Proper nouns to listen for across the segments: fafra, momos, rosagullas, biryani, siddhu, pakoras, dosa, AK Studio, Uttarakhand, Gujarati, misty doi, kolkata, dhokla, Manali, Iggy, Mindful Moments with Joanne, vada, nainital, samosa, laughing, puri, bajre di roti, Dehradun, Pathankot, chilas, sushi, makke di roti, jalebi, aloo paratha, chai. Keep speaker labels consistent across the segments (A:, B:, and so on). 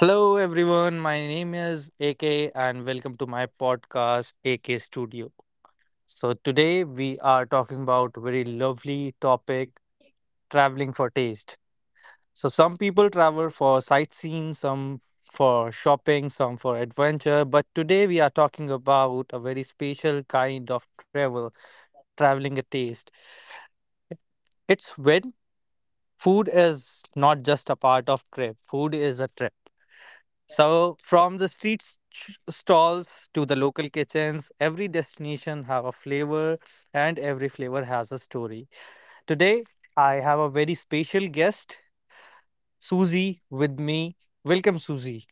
A: Hello everyone, my name is AK and welcome to my podcast AK Studio. So today we are talking about very lovely topic, traveling for taste. So some people travel for sightseeing, some for shopping, some for adventure, but today we are talking about a very special kind of travel, traveling a taste. It's when food is not just a part of trip, food is a trip. So from the stalls to the local kitchens, every destination have a flavor and every flavor has a story. Today I have a very special guest, Susie, with me. Welcome, Susie.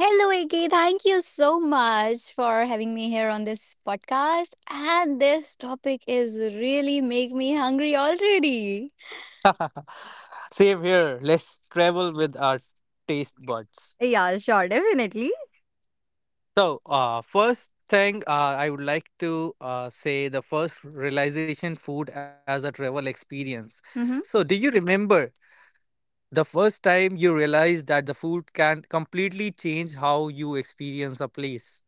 B: Hello, Iggy. Thank you so much for having me here on this podcast. And this topic is really make me hungry already.
A: Same here. Let's travel with our taste buds.
B: Yeah, sure, definitely.
A: So, first thing I would like to say the first realization food as a travel experience. So, do you remember the first time you realize that the food can completely change how you experience a place.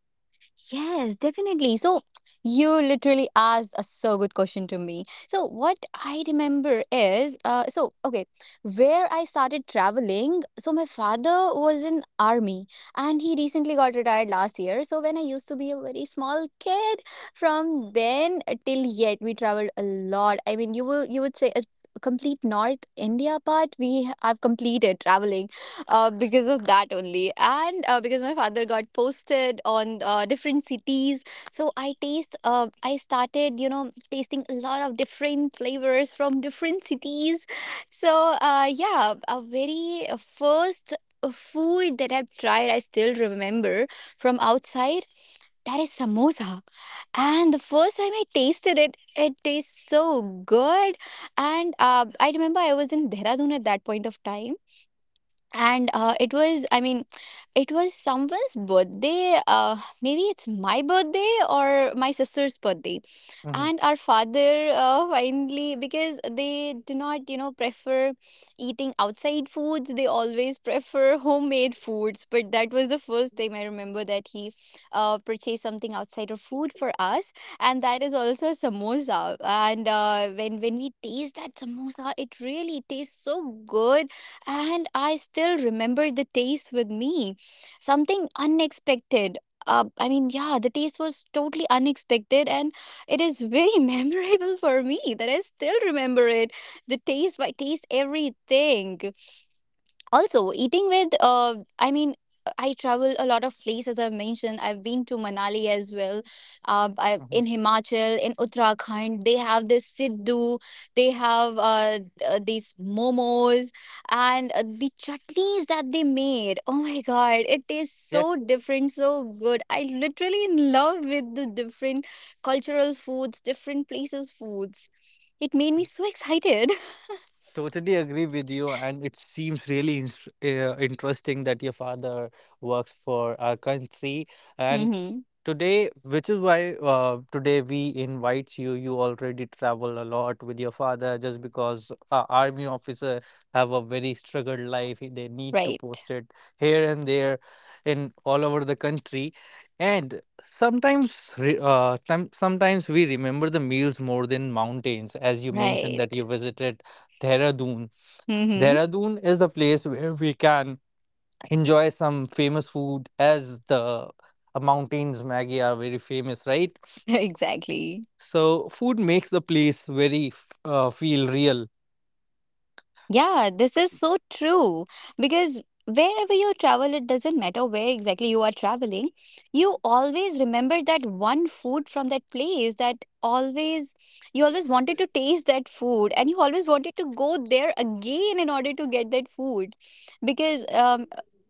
B: Yes, definitely. So you literally asked a so good question to me. So what I remember is, so okay, where I started traveling. So my father was in army, and he recently got retired last year. So when I used to be a very small kid, from then till yet, we traveled a lot. I mean, you would say a complete North India part. We have completed traveling because of that only. And because my father got posted on different cities, so I started, you know, tasting a lot of different flavors from different cities. So yeah, a very first food that I've tried, I still remember from outside, that is samosa. And the first time I tasted it, it tastes so good. And I remember I was in Dehradun at that point of time, and it was, I mean, it was someone's birthday, maybe it's my birthday or my sister's birthday,
A: Mhm,
B: and our father, finally, because they do not, you know, prefer eating outside foods, they always prefer homemade foods, but that was the first time I remember that he purchased something outside of food for us, and that is also samosa. And when we taste that samosa, it really tastes so good, and I still remember the taste with me. Something unexpected. Yeah, the taste was totally unexpected, and it is very memorable for me that I still remember it. The taste by taste, everything. Also, eating with, I travel a lot of places. I've mentioned I've been to Manali as well.
A: mhm.
B: In Himachal, in Uttarakhand, they have this siddhu, they have these momos, and the chutneys that they made. Oh my god, it tastes
A: Yeah,
B: so different, so good. I literally in love with the different cultural foods, different places' foods. It made me so excited.
A: totally agree with you. And it seems really interesting that your father works for our country. And
B: Mm-hmm.
A: today, which is why today we invite you. You already travel a lot with your father just because army officer have a very struggled life. They need to
B: Right,
A: post it here and there in all over the country. And sometimes, re- some sometimes we remember the meals more than mountains. As you mentioned that
B: right.
A: you visited Dehradun.
B: Mm-hmm.
A: Dehradun is the place where we can enjoy some famous food as the mountains maggie are very famous, right?
B: Exactly.
A: So food makes the place very feel real.
B: Yeah, this is so true because wherever you travel, it doesn't matter where exactly you are traveling, you always remember that one food from that place that always you always wanted to taste that food, and you always wanted to go there again in order to get that food, because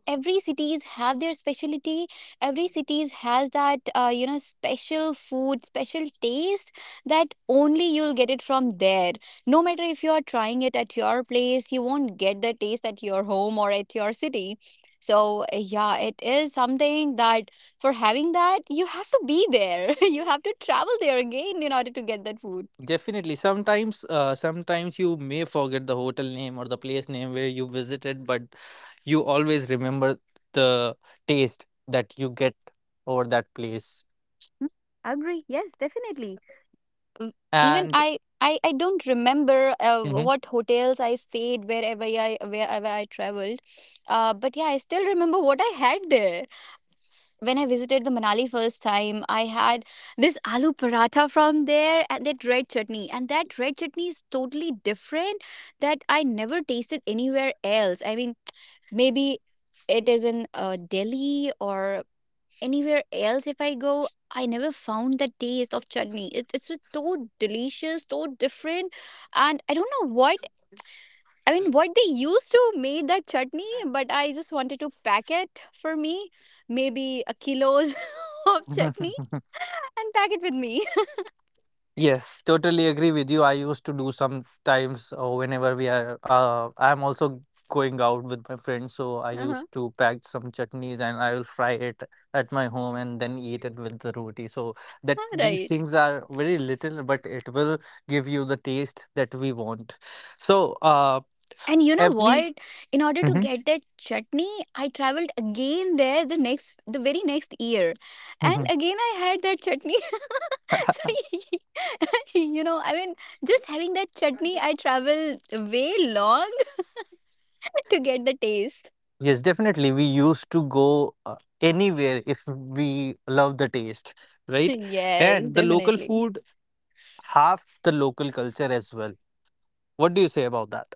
B: every cities have their specialty, every cities has that, you know, special food, special taste, that only you'll get it from there. No matter if you are trying it at your place, you won't get the taste at your home or at your city. So, yeah, it is something that for having that, you have to be there. You have to travel there again in order to get that food.
A: Definitely sometimes, sometimes you may forget the hotel name or the place name where you visited, but you always remember the taste that you get over that place.
B: Hmm. Agree. Yes, definitely. Um, even
A: And
B: I don't remember
A: mhm.
B: what hotels I stayed wherever I traveled, but yeah, I still remember what I had there. When I visited the Manali first time, I had this aloo paratha from there and that red chutney. And that red chutney is totally different, that I never tasted anywhere else. I mean, maybe it is in Delhi or anywhere else if I go. I never found the taste of chutney. It's so so delicious, so different, and I don't know what, I mean, what they used to made that chutney, but I just wanted to pack it for me, maybe a kilos of chutney, and pack it with me.
A: Yes, totally agree with you. I used to do sometimes, whenever we are. I'm also going out with my friends, so I
B: Uh-huh.
A: used to pack some chutneys and I will fry it at my home and then eat it with the roti. So that these
B: Right.
A: things are very little, but it will give you the taste that we want. So
B: And you know
A: every
B: what? In order to
A: mhm,
B: get that chutney, I traveled again there the very next year, and
A: mhm.
B: again I had that chutney. So you know, I mean, just having that chutney, I traveled way long to get the taste.
A: Yes, definitely. We used to go anywhere if we love the taste, right?
B: Yes,
A: And the local
B: definitely.
A: food half the local culture as well. What do you say about that?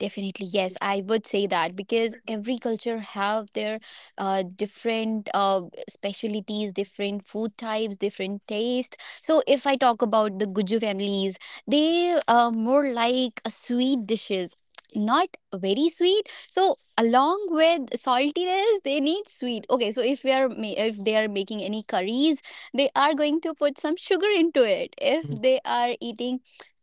B: Definitely, yes, I would say that, because every culture have their different specialties, different food types, different taste. So if I talk about the Guju families, they are more like a sweet dishes, not very sweet. So along with saltiness, they need sweet. Okay, so if they are making any curries, they are going to put some sugar into it. If
A: Mm.
B: they are eating.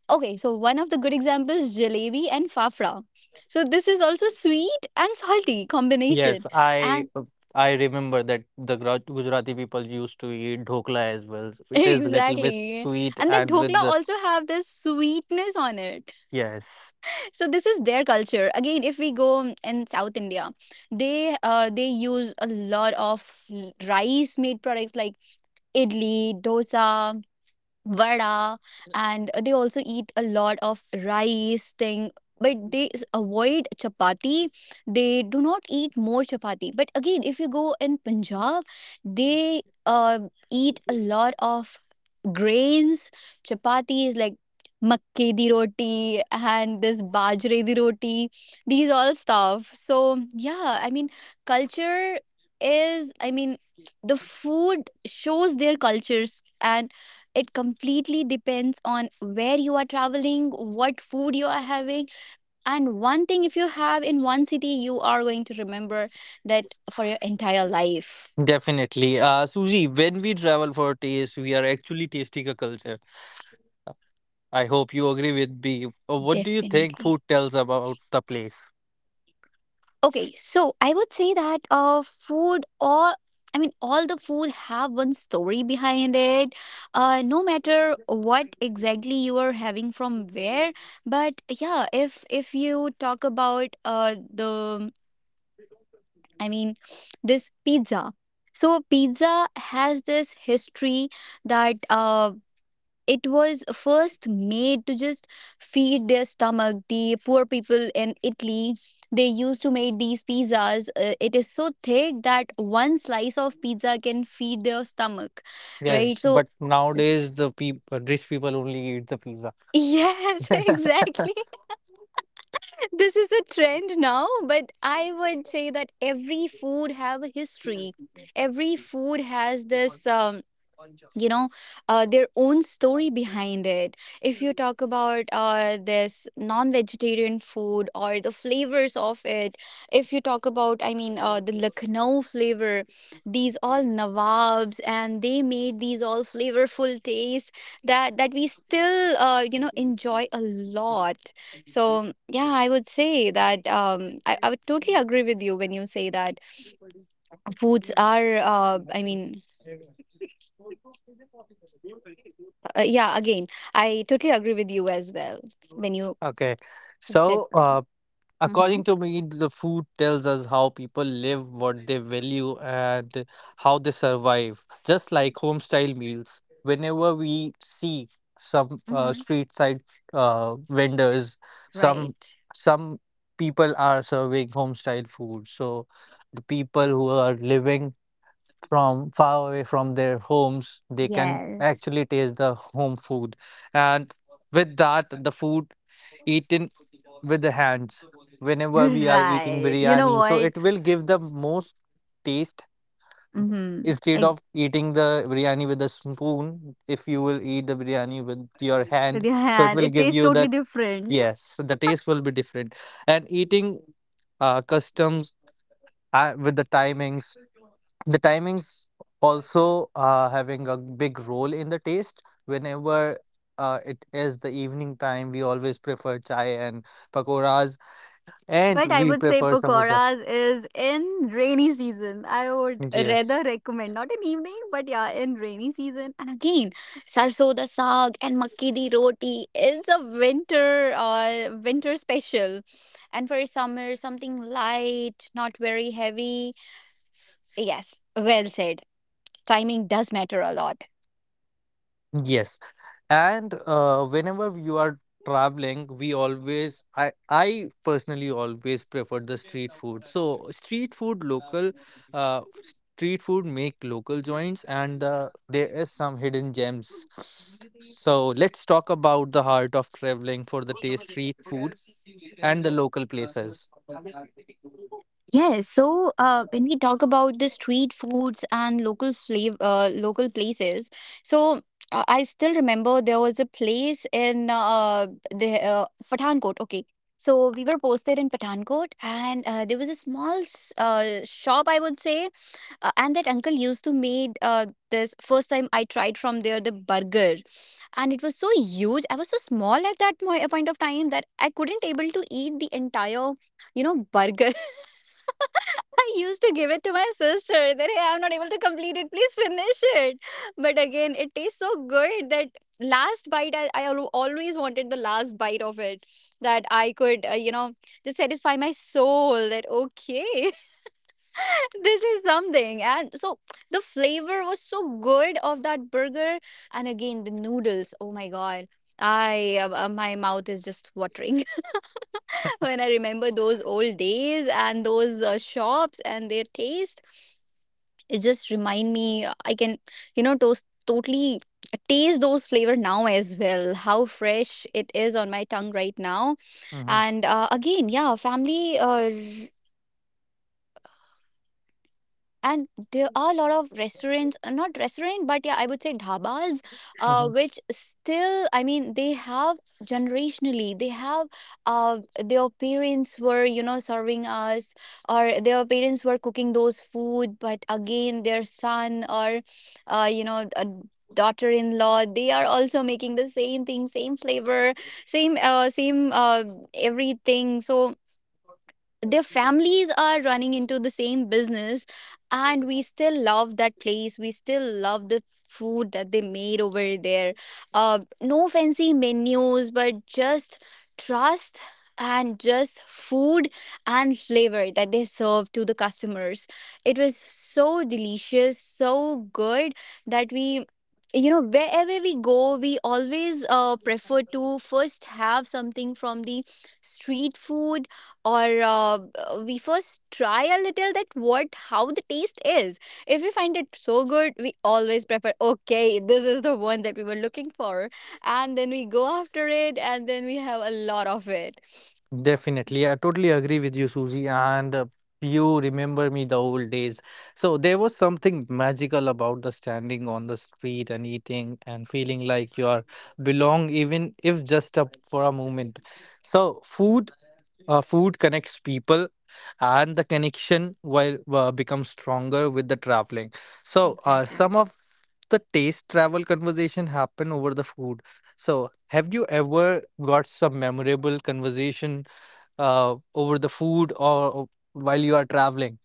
B: Okay, so one of the good examples is jalebi and fafra. So this is also sweet and salty combination.
A: Yes,
B: And
A: I remember that the Gujarati people used to eat dhokla as well. It is a little bit
B: exactly.
A: sweet
B: And then
A: and
B: dhokla
A: with the
B: also have this sweetness on it.
A: yes,
B: So this is their culture. Again, if we go in South India, they use a lot of rice made products like idli, dosa, vada, and they also eat a lot of rice thing, but avoid chapati. They do not eat more chapati. But again, if you go in punjab, they uh, eat a lot of grains. Chapati is like makke di roti and this bajre di roti, these all stuff. So yeah, I mean, culture is, I mean, the food shows their cultures, and it completely depends on where you are traveling, what food you are having. And one thing, if you have in one city, you are going to remember that for your entire life.
A: definitely. Suji, when we travel for taste, we are actually tasting a culture. I hope you agree with me. What do you think food
B: Definitely.
A: tells about the place?
B: Okay, so I would say that food, or I mean, all the food have one story behind it. No matter what exactly you are having from where, but yeah, if you talk about I mean, this pizza. So, pizza has this history that it was first made to just feed their stomach. The poor people in Italy, they used to make these pizzas. It is so thick that one slice of pizza can feed their stomach, right?
A: Yes,
B: So,
A: but
B: s-
A: nowadays the peop rich people only eat the pizza.
B: yes, exactly. This is a trend now, but I would say that every food have a history, every food has this you know, their own story behind it. If you talk about this non-vegetarian food or the flavors of it, if you talk about, I mean, the lucknow flavor, these all nawabs and they made these all flavorful tastes, that we still, you know, enjoy a lot. So yeah, I would say that, I would totally agree with you when you say that foods are, I mean, yeah, again, I totally agree with you as well when you
A: Okay.
B: said
A: So,
B: something. Mm-hmm.
A: according to me, the food tells us how people live, what they value, and how they survive. Just like home style meals, whenever we see some
B: Mm-hmm.
A: street side vendors, some
B: Right.
A: some people are serving home style food. So, the people who are living from far away from their homes, they can
B: Yes.
A: actually taste the home food. And with that, the food eaten with the hands whenever we are eating
B: Right. You know
A: biryani. So
B: what?
A: it will give the most taste
B: Mm-hmm.
A: instead
B: Egg
A: of eating the biryani with a spoon. If you will eat the biryani with your
B: with
A: hand,
B: your
A: so it
B: hand.
A: will
B: It
A: give
B: tastes
A: you
B: totally
A: that,
B: different.
A: yes, the taste will be different. And eating customs with the timings, the timings also having a big role in the taste. Whenever it is the evening time, we always prefer chai and pakoras, and
B: But I
A: we
B: would say
A: prefer samosa.
B: pakoras is in rainy season. I would
A: Yes
B: rather recommend not in evening, but yeah, in rainy season. And again, sarso da saag and makki di roti is a winter winter special. And for summer, something light, not very heavy. Yes, well said. Timing does matter a lot.
A: Yes. And whenever you are traveling, we always, I personally always prefer the street food. So street food, local, uh, street food make local joints, and there is some hidden gems. So let's talk about the heart of traveling for the taste street food and the local places.
B: Yes, so when we talk about the street foods and local flavor, local places, so I still remember there was a place in the Pathankot. Okay, so we were posted in Pathankot, and there was a shop, I would say, and that uncle used to made this first time I tried from there the burger, and it was so huge. I was so small at that point of time that I couldn't able to eat the entire, you know, burger. I used to give it to my sister that hey, I'm not able to complete it. Please finish it. But again, it tastes so good that last bite, I always wanted the last bite of it, that I could, you know, just satisfy my soul that okay, this is something. And so the flavor was so good of that burger. And again the noodles, oh my god, I my mouth is just watering when I remember those old days and those shops and their taste. It just remind me. I can, you know, toast totally taste those flavor now as well. How fresh it is on my tongue right now.
A: Hmm.
B: And again, yeah, family. And there are a lot of restaurants, not restaurant, but yeah, I would say dhabas, which still, I mean, they have generationally, they have uh, their parents were, you know, serving us, or their parents were cooking those food, but again, their son or, you know, a daughter-in-law, they are also making the same thing, same flavor, same everything. So their families are running into the same business, and we still love that place. We still love the food that they made over there. No fancy menus, but just trust and just food and flavor that they serve to the customers. It was so delicious, so good that we, wherever we go, we always prefer to first have something from the street food. Or we first try a little that what how the taste is. If we find it so good, we always prefer, okay, this is the one that we were looking for, and then we go after it, and then we have a lot of it.
A: Definitely. I totally agree with you, Susie. And you remember me the old days. So there was something magical about the standing on the street and eating and feeling like you are belong, even if just up for a moment. So food connects people, and the connection will become stronger with the traveling. So
B: Exactly.
A: some of the taste travel conversation happen over the food. So have you ever got some memorable conversation over the food or while you are traveling.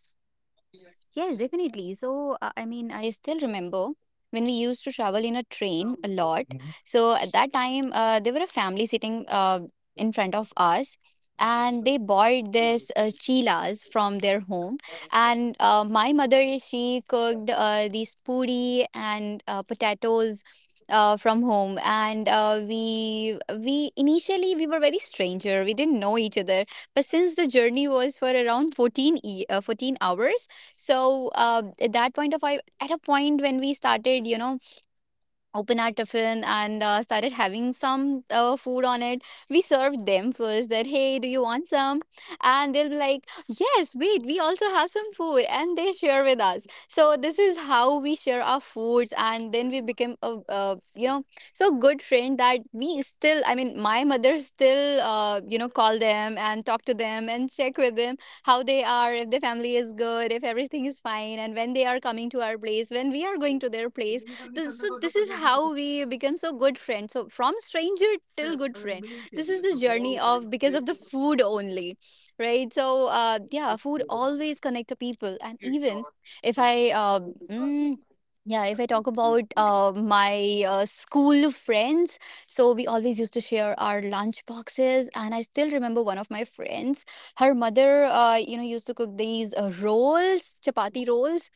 B: Yes, yes, definitely. So, I mean, I still remember when we used to travel in a train a lot.
A: Mhm.
B: So, at that time, there were a family sitting in front of us, and they bought this chilas from their home. And my mother, she cooked these puri and potatoes. From home, and we initially we were very stranger, we didn't know each other. But since the journey was for around 14 hours. So at that point of I at a point when we started, open our tiffin and started having some food on it. We served them first that, hey, do you want some? And they'll be like, yes, wait, we also have some food, and they share with us. So this is how we share our foods, and then we became a so good friend that we still, I mean, my mother still call them and talk to them and check with them how they are, if their family is good, if everything is fine, and when they are coming to our place, when we are going to their place. So this is how we become so good friends. So from stranger till good friend, this is the journey of, because of the food only. Right. So yeah, food always connect to people. And even if I mm, yeah, if I talk about my school friends. So we always used to share our lunch boxes, and I still remember one of my friends, her mother used to cook these rolls, chapati rolls,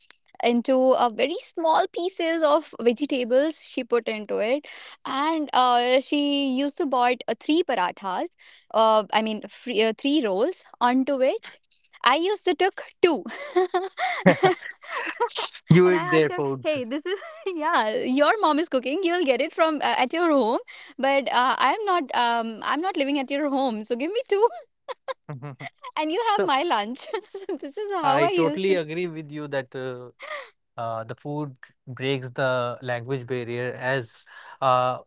B: into very small pieces of vegetables she put into it. And she used to bought three parathas, I mean, three rolls, onto which I used to took two
A: You
B: and I
A: eat their
B: asked her,
A: foods.
B: hey, this is yeah, your mom is cooking, you'll get it from at your home. But I'm not I'm not living at your home, so give me two and you have
A: So
B: my lunch so this is how
A: I
B: I used
A: totally
B: to do.
A: agree with you that the food breaks the language barrier as uh,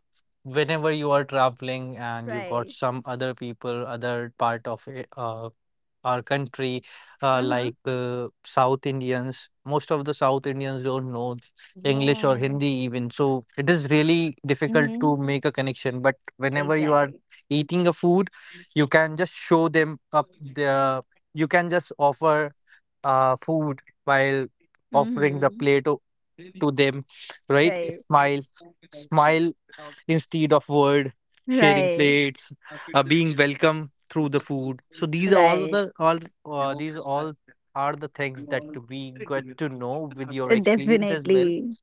A: whenever you are traveling and you got
B: Right.
A: some other people, other part of it, our country,
B: Uh-huh.
A: South Indians, most of the South Indians don't know English or
B: Yeah.
A: Hindi even. So it is really difficult
B: Mm-hmm.
A: to make a connection. But whenever you are
B: Exactly.
A: eating a food, you can just show them up the. You can just offer food while offering the
B: Mhm.
A: to them, right?
B: Right.
A: Smile instead of word, sharing
B: Right.
A: plates, being welcome through the food. So these are all the all these all are the things that we get to know with your
B: Right.
A: experience as well.
B: Definitely.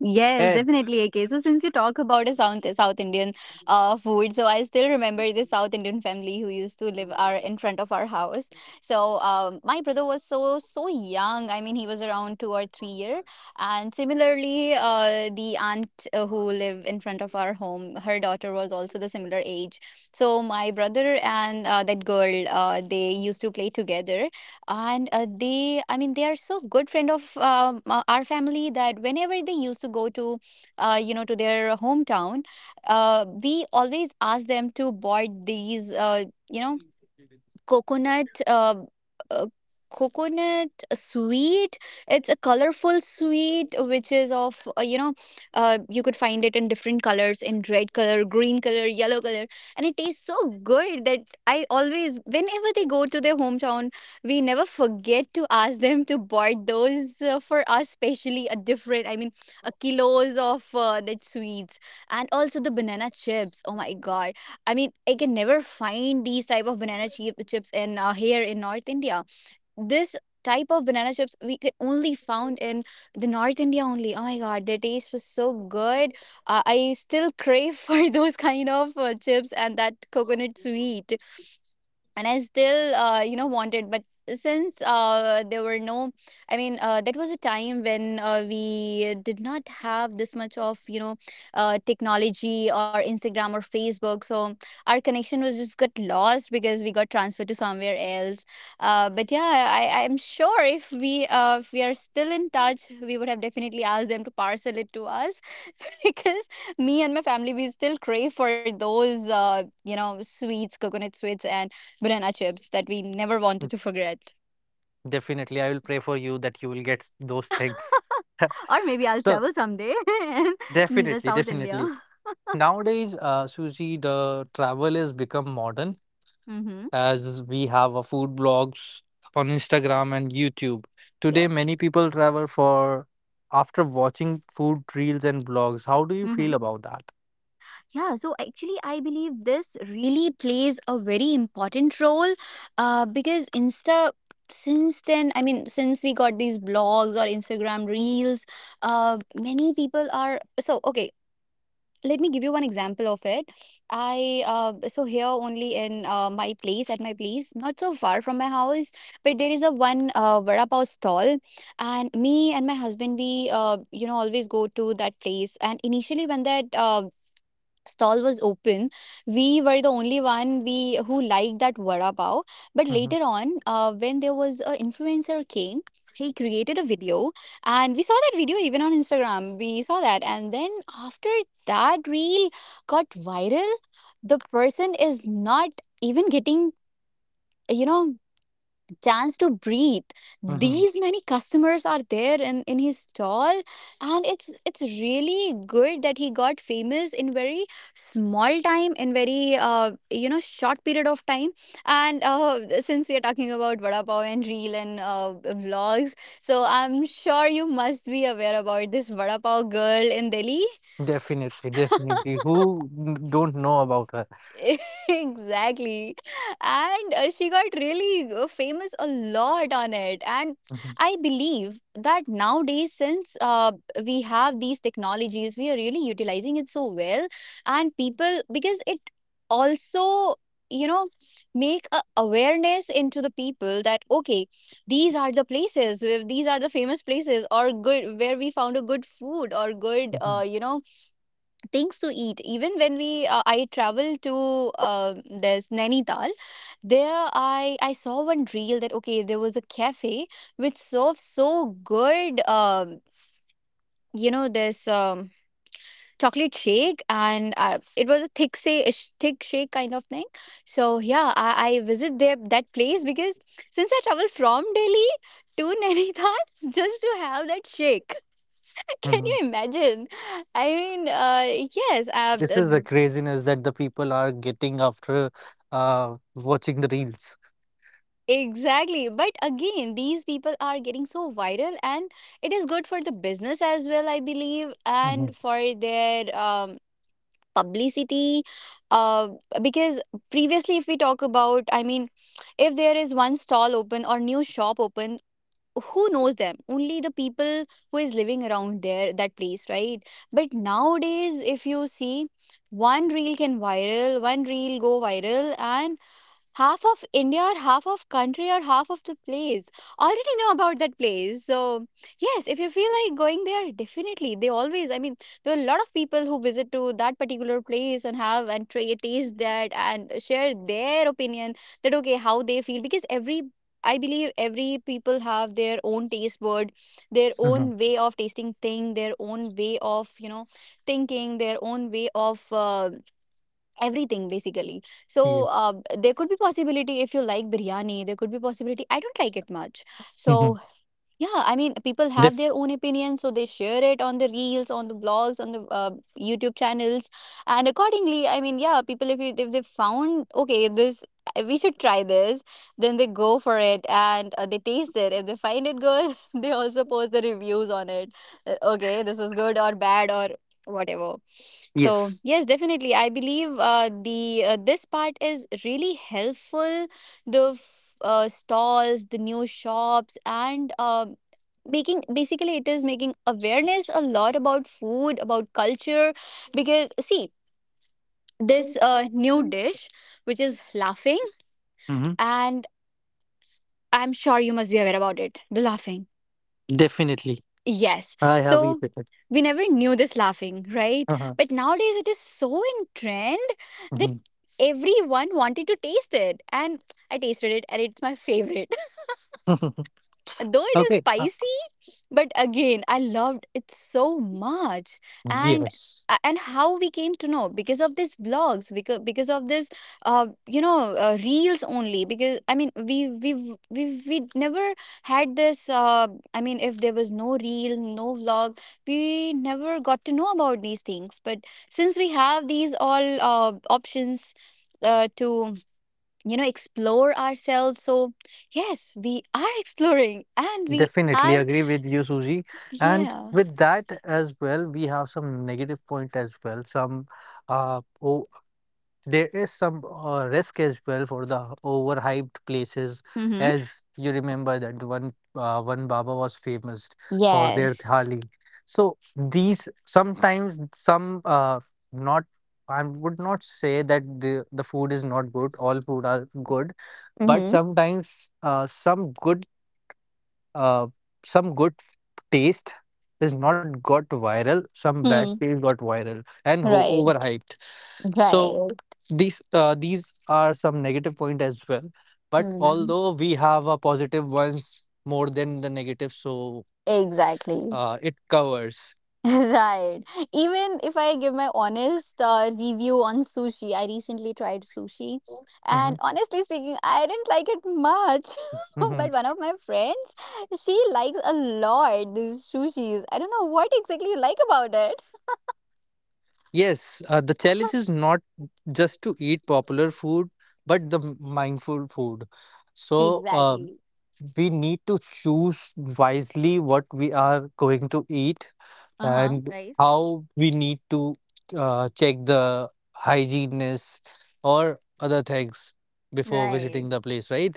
B: Yes,
A: And
B: definitely, AK. So since you talk about a South Indian food, so I still remember the South Indian family who used to live our in front of our house. So my brother was so young. I mean, he was around 2 or 3 year. And similarly, the aunt who live in front of our home, her daughter was also the similar age. So my brother and that girl, they used to play together. And they I mean they are so good friend of our family that whenever they used to go to, to their hometown, we always ask them to board these, you know coconut, uh, coconut sweet. It's a colorful sweet which is of, you could find it in different colors, in red color, green color, yellow color. And it tastes so good that I always, whenever they go to their hometown, we never forget to ask them to buy those for us, especially a different I mean a kilos of that sweets. And also the banana chips, oh my god. I mean, I can never find these type of chips in here in North India. This type of banana chips we could only found in the North India only. Oh my God, their taste was so good. I still crave for those kind of chips and that coconut sweet. And I still, wanted. But since there were no, I mean, that was a time when we did not have this much of, technology or Instagram or Facebook. So our connection was just got lost because we got transferred to somewhere else. But yeah, I am sure, if we are still in touch, we would have definitely asked them to parcel it to us. Because me and my family, we still crave for those sweets, coconut sweets, and banana chips that we
A: mm,
B: never wanted to forget.
A: definitely, I will pray for you that you will get those things.
B: Or maybe I'll
A: So
B: travel someday in the
A: definitely,
B: South India.
A: definitely. Nowadays, Suji, the travel has become modern
B: Mm-hmm.
A: as we have a food blogs on Instagram
B: Yes.
A: and YouTube. Today, many
B: Yes.
A: people travel for after watching food reels and blogs. How do you feel
B: Mm-hmm.
A: about that?
B: Yeah, so actually, I believe this really plays a very important role, because since then, I mean, since we got these blogs or Instagram reels, many people are, so okay. Let me give you one example of it. I So here only in my place at my place, not so far from my house, but there is a one vada pav stall. And me and my husband, we always go to that place. And initially, when that stall was open, we were the only one we who liked that vada pav. But
A: Mhm,
B: later on, when there was a influencer came, he created a video, and we saw that video, even on Instagram we saw that. And then after that reel got viral, the person is not even getting, you know chance to breathe.
A: mhm.
B: These many customers are there in his stall. And it's really good that he got famous in very small time, in very short period of time. And since we are talking about vada pav and reel and vlogs, so I'm sure you must be aware about this vada pav girl in Delhi.
A: Definitely, definitely. Who n- don't know about her?
B: Exactly. And she got really famous a lot on it, and
A: Mhm,
B: I believe that nowadays, since we have these technologies, we are really utilizing it so well. And people, because it also, you know make a awareness into the people that, okay, these are the these are the famous places, or good where we found a good food or good
A: mhm,
B: things to eat. Even when we I travel to, uh, there's Nainital, there I saw one reel that, okay, there was a cafe which serves so good, you know this chocolate shake. And it was a thick say a sh- thick shake kind of thing. So yeah, I visit there, that place, because since I travel from Delhi to Nainital just to have that shake can
A: mhm.
B: you imagine? I mean, yes.
A: This is the craziness that the people are getting after watching the reels.
B: Exactly. But again, these people are getting so viral, and it is good for the business as well, I believe, and
A: Mhm,
B: for their publicity. Uh, because previously, if we talk about, I mean, if there is one stall open or new shop open, who knows them? Only the people who is living around there that place, right? But nowadays, if you see, one reel go viral, and half of India or half of country or half of the place already know about that place. So yes, if you feel like going there, definitely they always I mean there are a lot of people who visit to that particular place and have and try taste that and share their opinion, that okay, how they feel. Because every I believe every people have their own taste bud, their
A: mhm.
B: own way of tasting thing, their own way of, thinking, their own way of everything basically. So
A: Yes.
B: there could be possibility if you like biryani, there could be possibility I don't like it much.
A: Mhm.
B: So yeah, I mean, people have
A: Def
B: their own opinions, so they share it on the reels, on the blogs, on the YouTube channels. And accordingly, I mean, yeah, people, if they found, okay, this we should try this, then they go for it, and they taste it. If they find it good, they also post the reviews on it. Okay, this was good or bad or whatever. So
A: yes.
B: yes, definitely, I believe the this part is really helpful, the stalls, the new shops, and making basically it is making awareness a lot about food, about culture. Because see, this new dish which is laughing,
A: Mhm.
B: and I'm sure you must be aware about it. The laughing,
A: Definitely.
B: yes.
A: I have
B: So
A: eaten it.
B: we never knew this laughing, right?
A: Uh-huh.
B: But nowadays it is so in trend that
A: Mhm.
B: everyone wanted to taste it. And I tasted it, and it's my favorite. Though it is
A: Okay. Uh,
B: spicy but again I loved it so much. and
A: yes,
B: and how we came to know because of these blogs, because of this reels only. Because I mean, we never had this uh, I mean, if there was no reel, no vlog, we never got to know about these things, but since we have these all options to you know explore ourselves. So yes, we are exploring and we
A: definitely
B: are
A: agree with you, Suji. And
B: yeah.
A: with that as well, we have some negative point as well, some uh, o- there is some risk as well for the overhyped places,
B: Mm-hmm.
A: as you remember that the one Baba was famous for their
B: Yes.
A: thali. So these sometimes some not I would not say that the food is not good. All food are good, but
B: Mm-hmm.
A: sometimes uh, some good taste is not got viral. Some bad
B: Mm.
A: taste got viral and
B: Right.
A: overhyped. So
B: Right.
A: these are some negative point as well, but
B: Mm.
A: although we have a positive ones more than the negative, so it
B: Exactly.
A: covers
B: Right. Even if I give my honest review on sushi, I recently tried sushi, and
A: mhm,
B: honestly speaking, I didn't like it much. But
A: mhm.
B: one of my friends, she likes a lot these sushis. I don't know what exactly you like about it.
A: Yes, the challenge is not just to eat popular food but the mindful food. So
B: Exactly.
A: we need to choose wisely what we are going to eat
B: Uh-huh,
A: and
B: right?
A: how we need to check the hygieneness or other things before
B: Right.
A: visiting the place, right?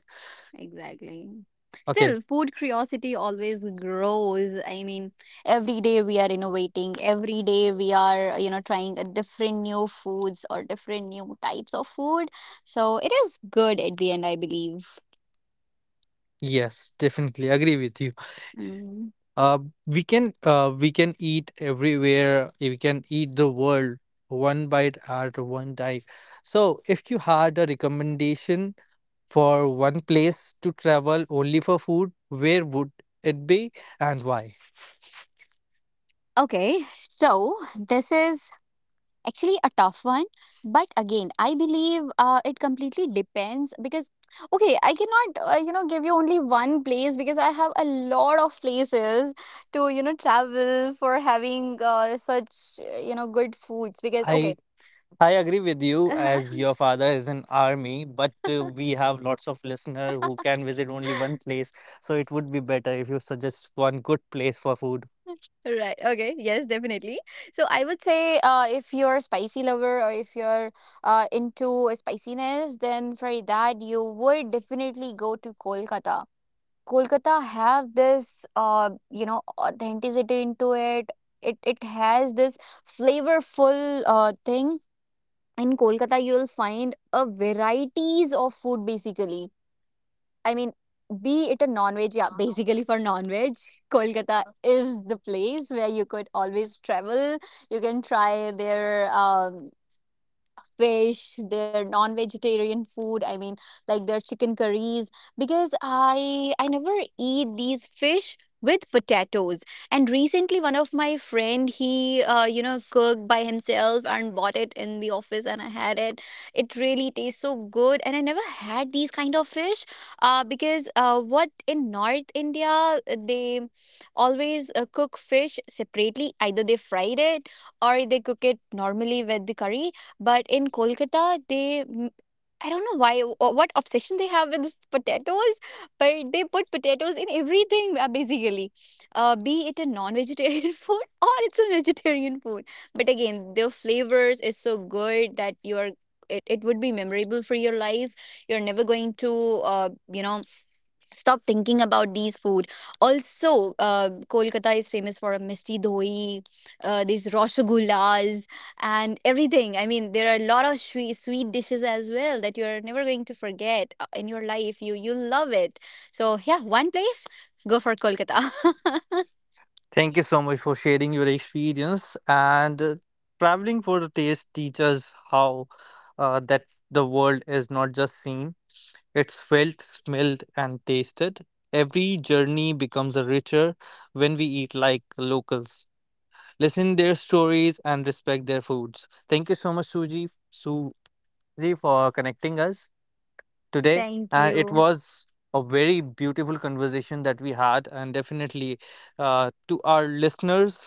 B: Exactly.
A: Okay.
B: Still, food curiosity always grows. I mean, every day we are innovating. Every day we are, you know, trying a different new foods or different new types of food. So it is good at the end, I believe.
A: Yes, definitely agree with you.
B: Mm.
A: Uh, we can eat everywhere. We can eat the world one bite at one time. So, if you had a recommendation for one place to travel only for food, where would it be and why?
B: Okay, so this is actually a tough one, but again I believe it completely depends. Because okay, I cannot you know give you only one place, because I have a lot of places to you know travel for having such you know good foods. Because okay.
A: I I agree with you as
B: Uh-huh.
A: your father is in army, but we have lots of listener who can visit only one place, so it would be better if you suggest one good place for food.
B: Right. Okay. Yes, definitely. So I would say if you're a spicy lover, or if you're into spiciness, then for that you would definitely go to Kolkata. Kolkata have this you know authenticity into it. It has this flavorful thing. In Kolkata, you'll find a varieties of food basically. I mean, be it a non-veg, yeah, basically for non-veg, Kolkata is the place where you could always travel. You can try their fish, their non-vegetarian food, I mean, like their chicken curries. Because I never eat these fish with potatoes. And recently, one of my friend, he you know cooked by himself and bought it in the office, and I had it. It really tastes so good, and I never had these kind of fish, because what, in North India, they always cook fish separately. Either they fried it or they cook it normally with the curry, but in Kolkata, they I don't know why or what obsession they have with this potatoes, but they put potatoes in everything basically, be it a non-vegetarian food or it's a vegetarian food. But again, the flavors is so good that you're, it would be memorable for your life. You're never going to uh, you know stop thinking about these food. Also, Kolkata is famous for a misty doi, these rosagullas, and everything. I mean, there are a lot of sweet, sweet dishes as well that you're never going to forget in your life. You love it. So yeah, one place, go for Kolkata.
A: Thank you so much for sharing your experience and traveling for the taste teaches how that the world is not just seen. It's felt, smelled, and tasted. Every journey becomes a richer when we eat like locals, listen their stories, and respect their foods. Thank you so much, Suji, for connecting us today.
B: Thank
A: And it
B: you.
A: was a very beautiful conversation that we had. And definitely, to our listeners,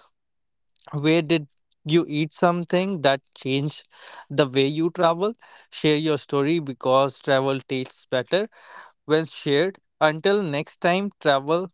A: where did you eat something that changed the way you travel? Share your story because travel tastes better when shared. Until next time, travel,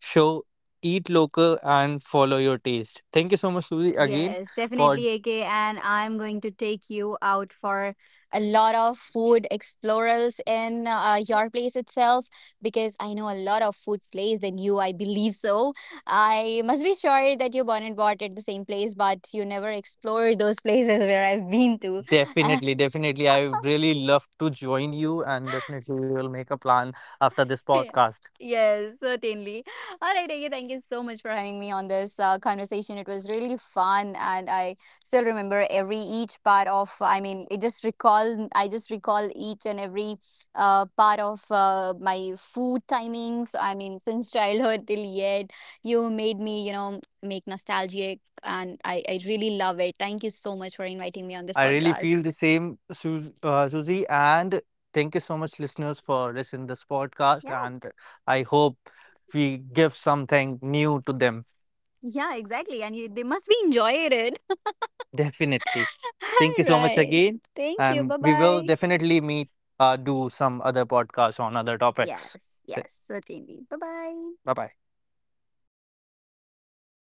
A: show, eat local, and follow your taste. Thank you so much, Suri, again
B: Yes,
A: for
B: definitely, AK. And I'm going to take you out for a lot of food explorers in your place itself, because I know a lot of food place than you, I believe so. I must be sure that you born and bought at the same place, but you never explored those places where I've been to.
A: definitely, definitely. I really love to join you, and definitely, we will make a plan after this
B: Yeah.
A: podcast.
B: Yes, certainly. All right, Aggie, thank you so much for having me on this conversation. It was really fun, and I still remember every each part of. I mean, it just recall. I just recall each and every part of my food timings. I mean, since childhood till yet, you made me, you know, make nostalgic, and I really love it. Thank you so much for inviting me on this
A: I really
B: podcast.
A: feel the same, Susie, and thank you so much, listeners, for listening this podcast.
B: Yeah,
A: And I hope we give something new to them.
B: yeah, exactly, and you they must be enjoying it.
A: Definitely. Thank you so much
B: Right.
A: again.
B: Thank you.
A: And
B: Bye
A: we will
B: bye.
A: definitely meet, do some other podcasts on other topics.
B: Yes,
A: Bye
B: yes, certainly. Bye bye.
A: bye.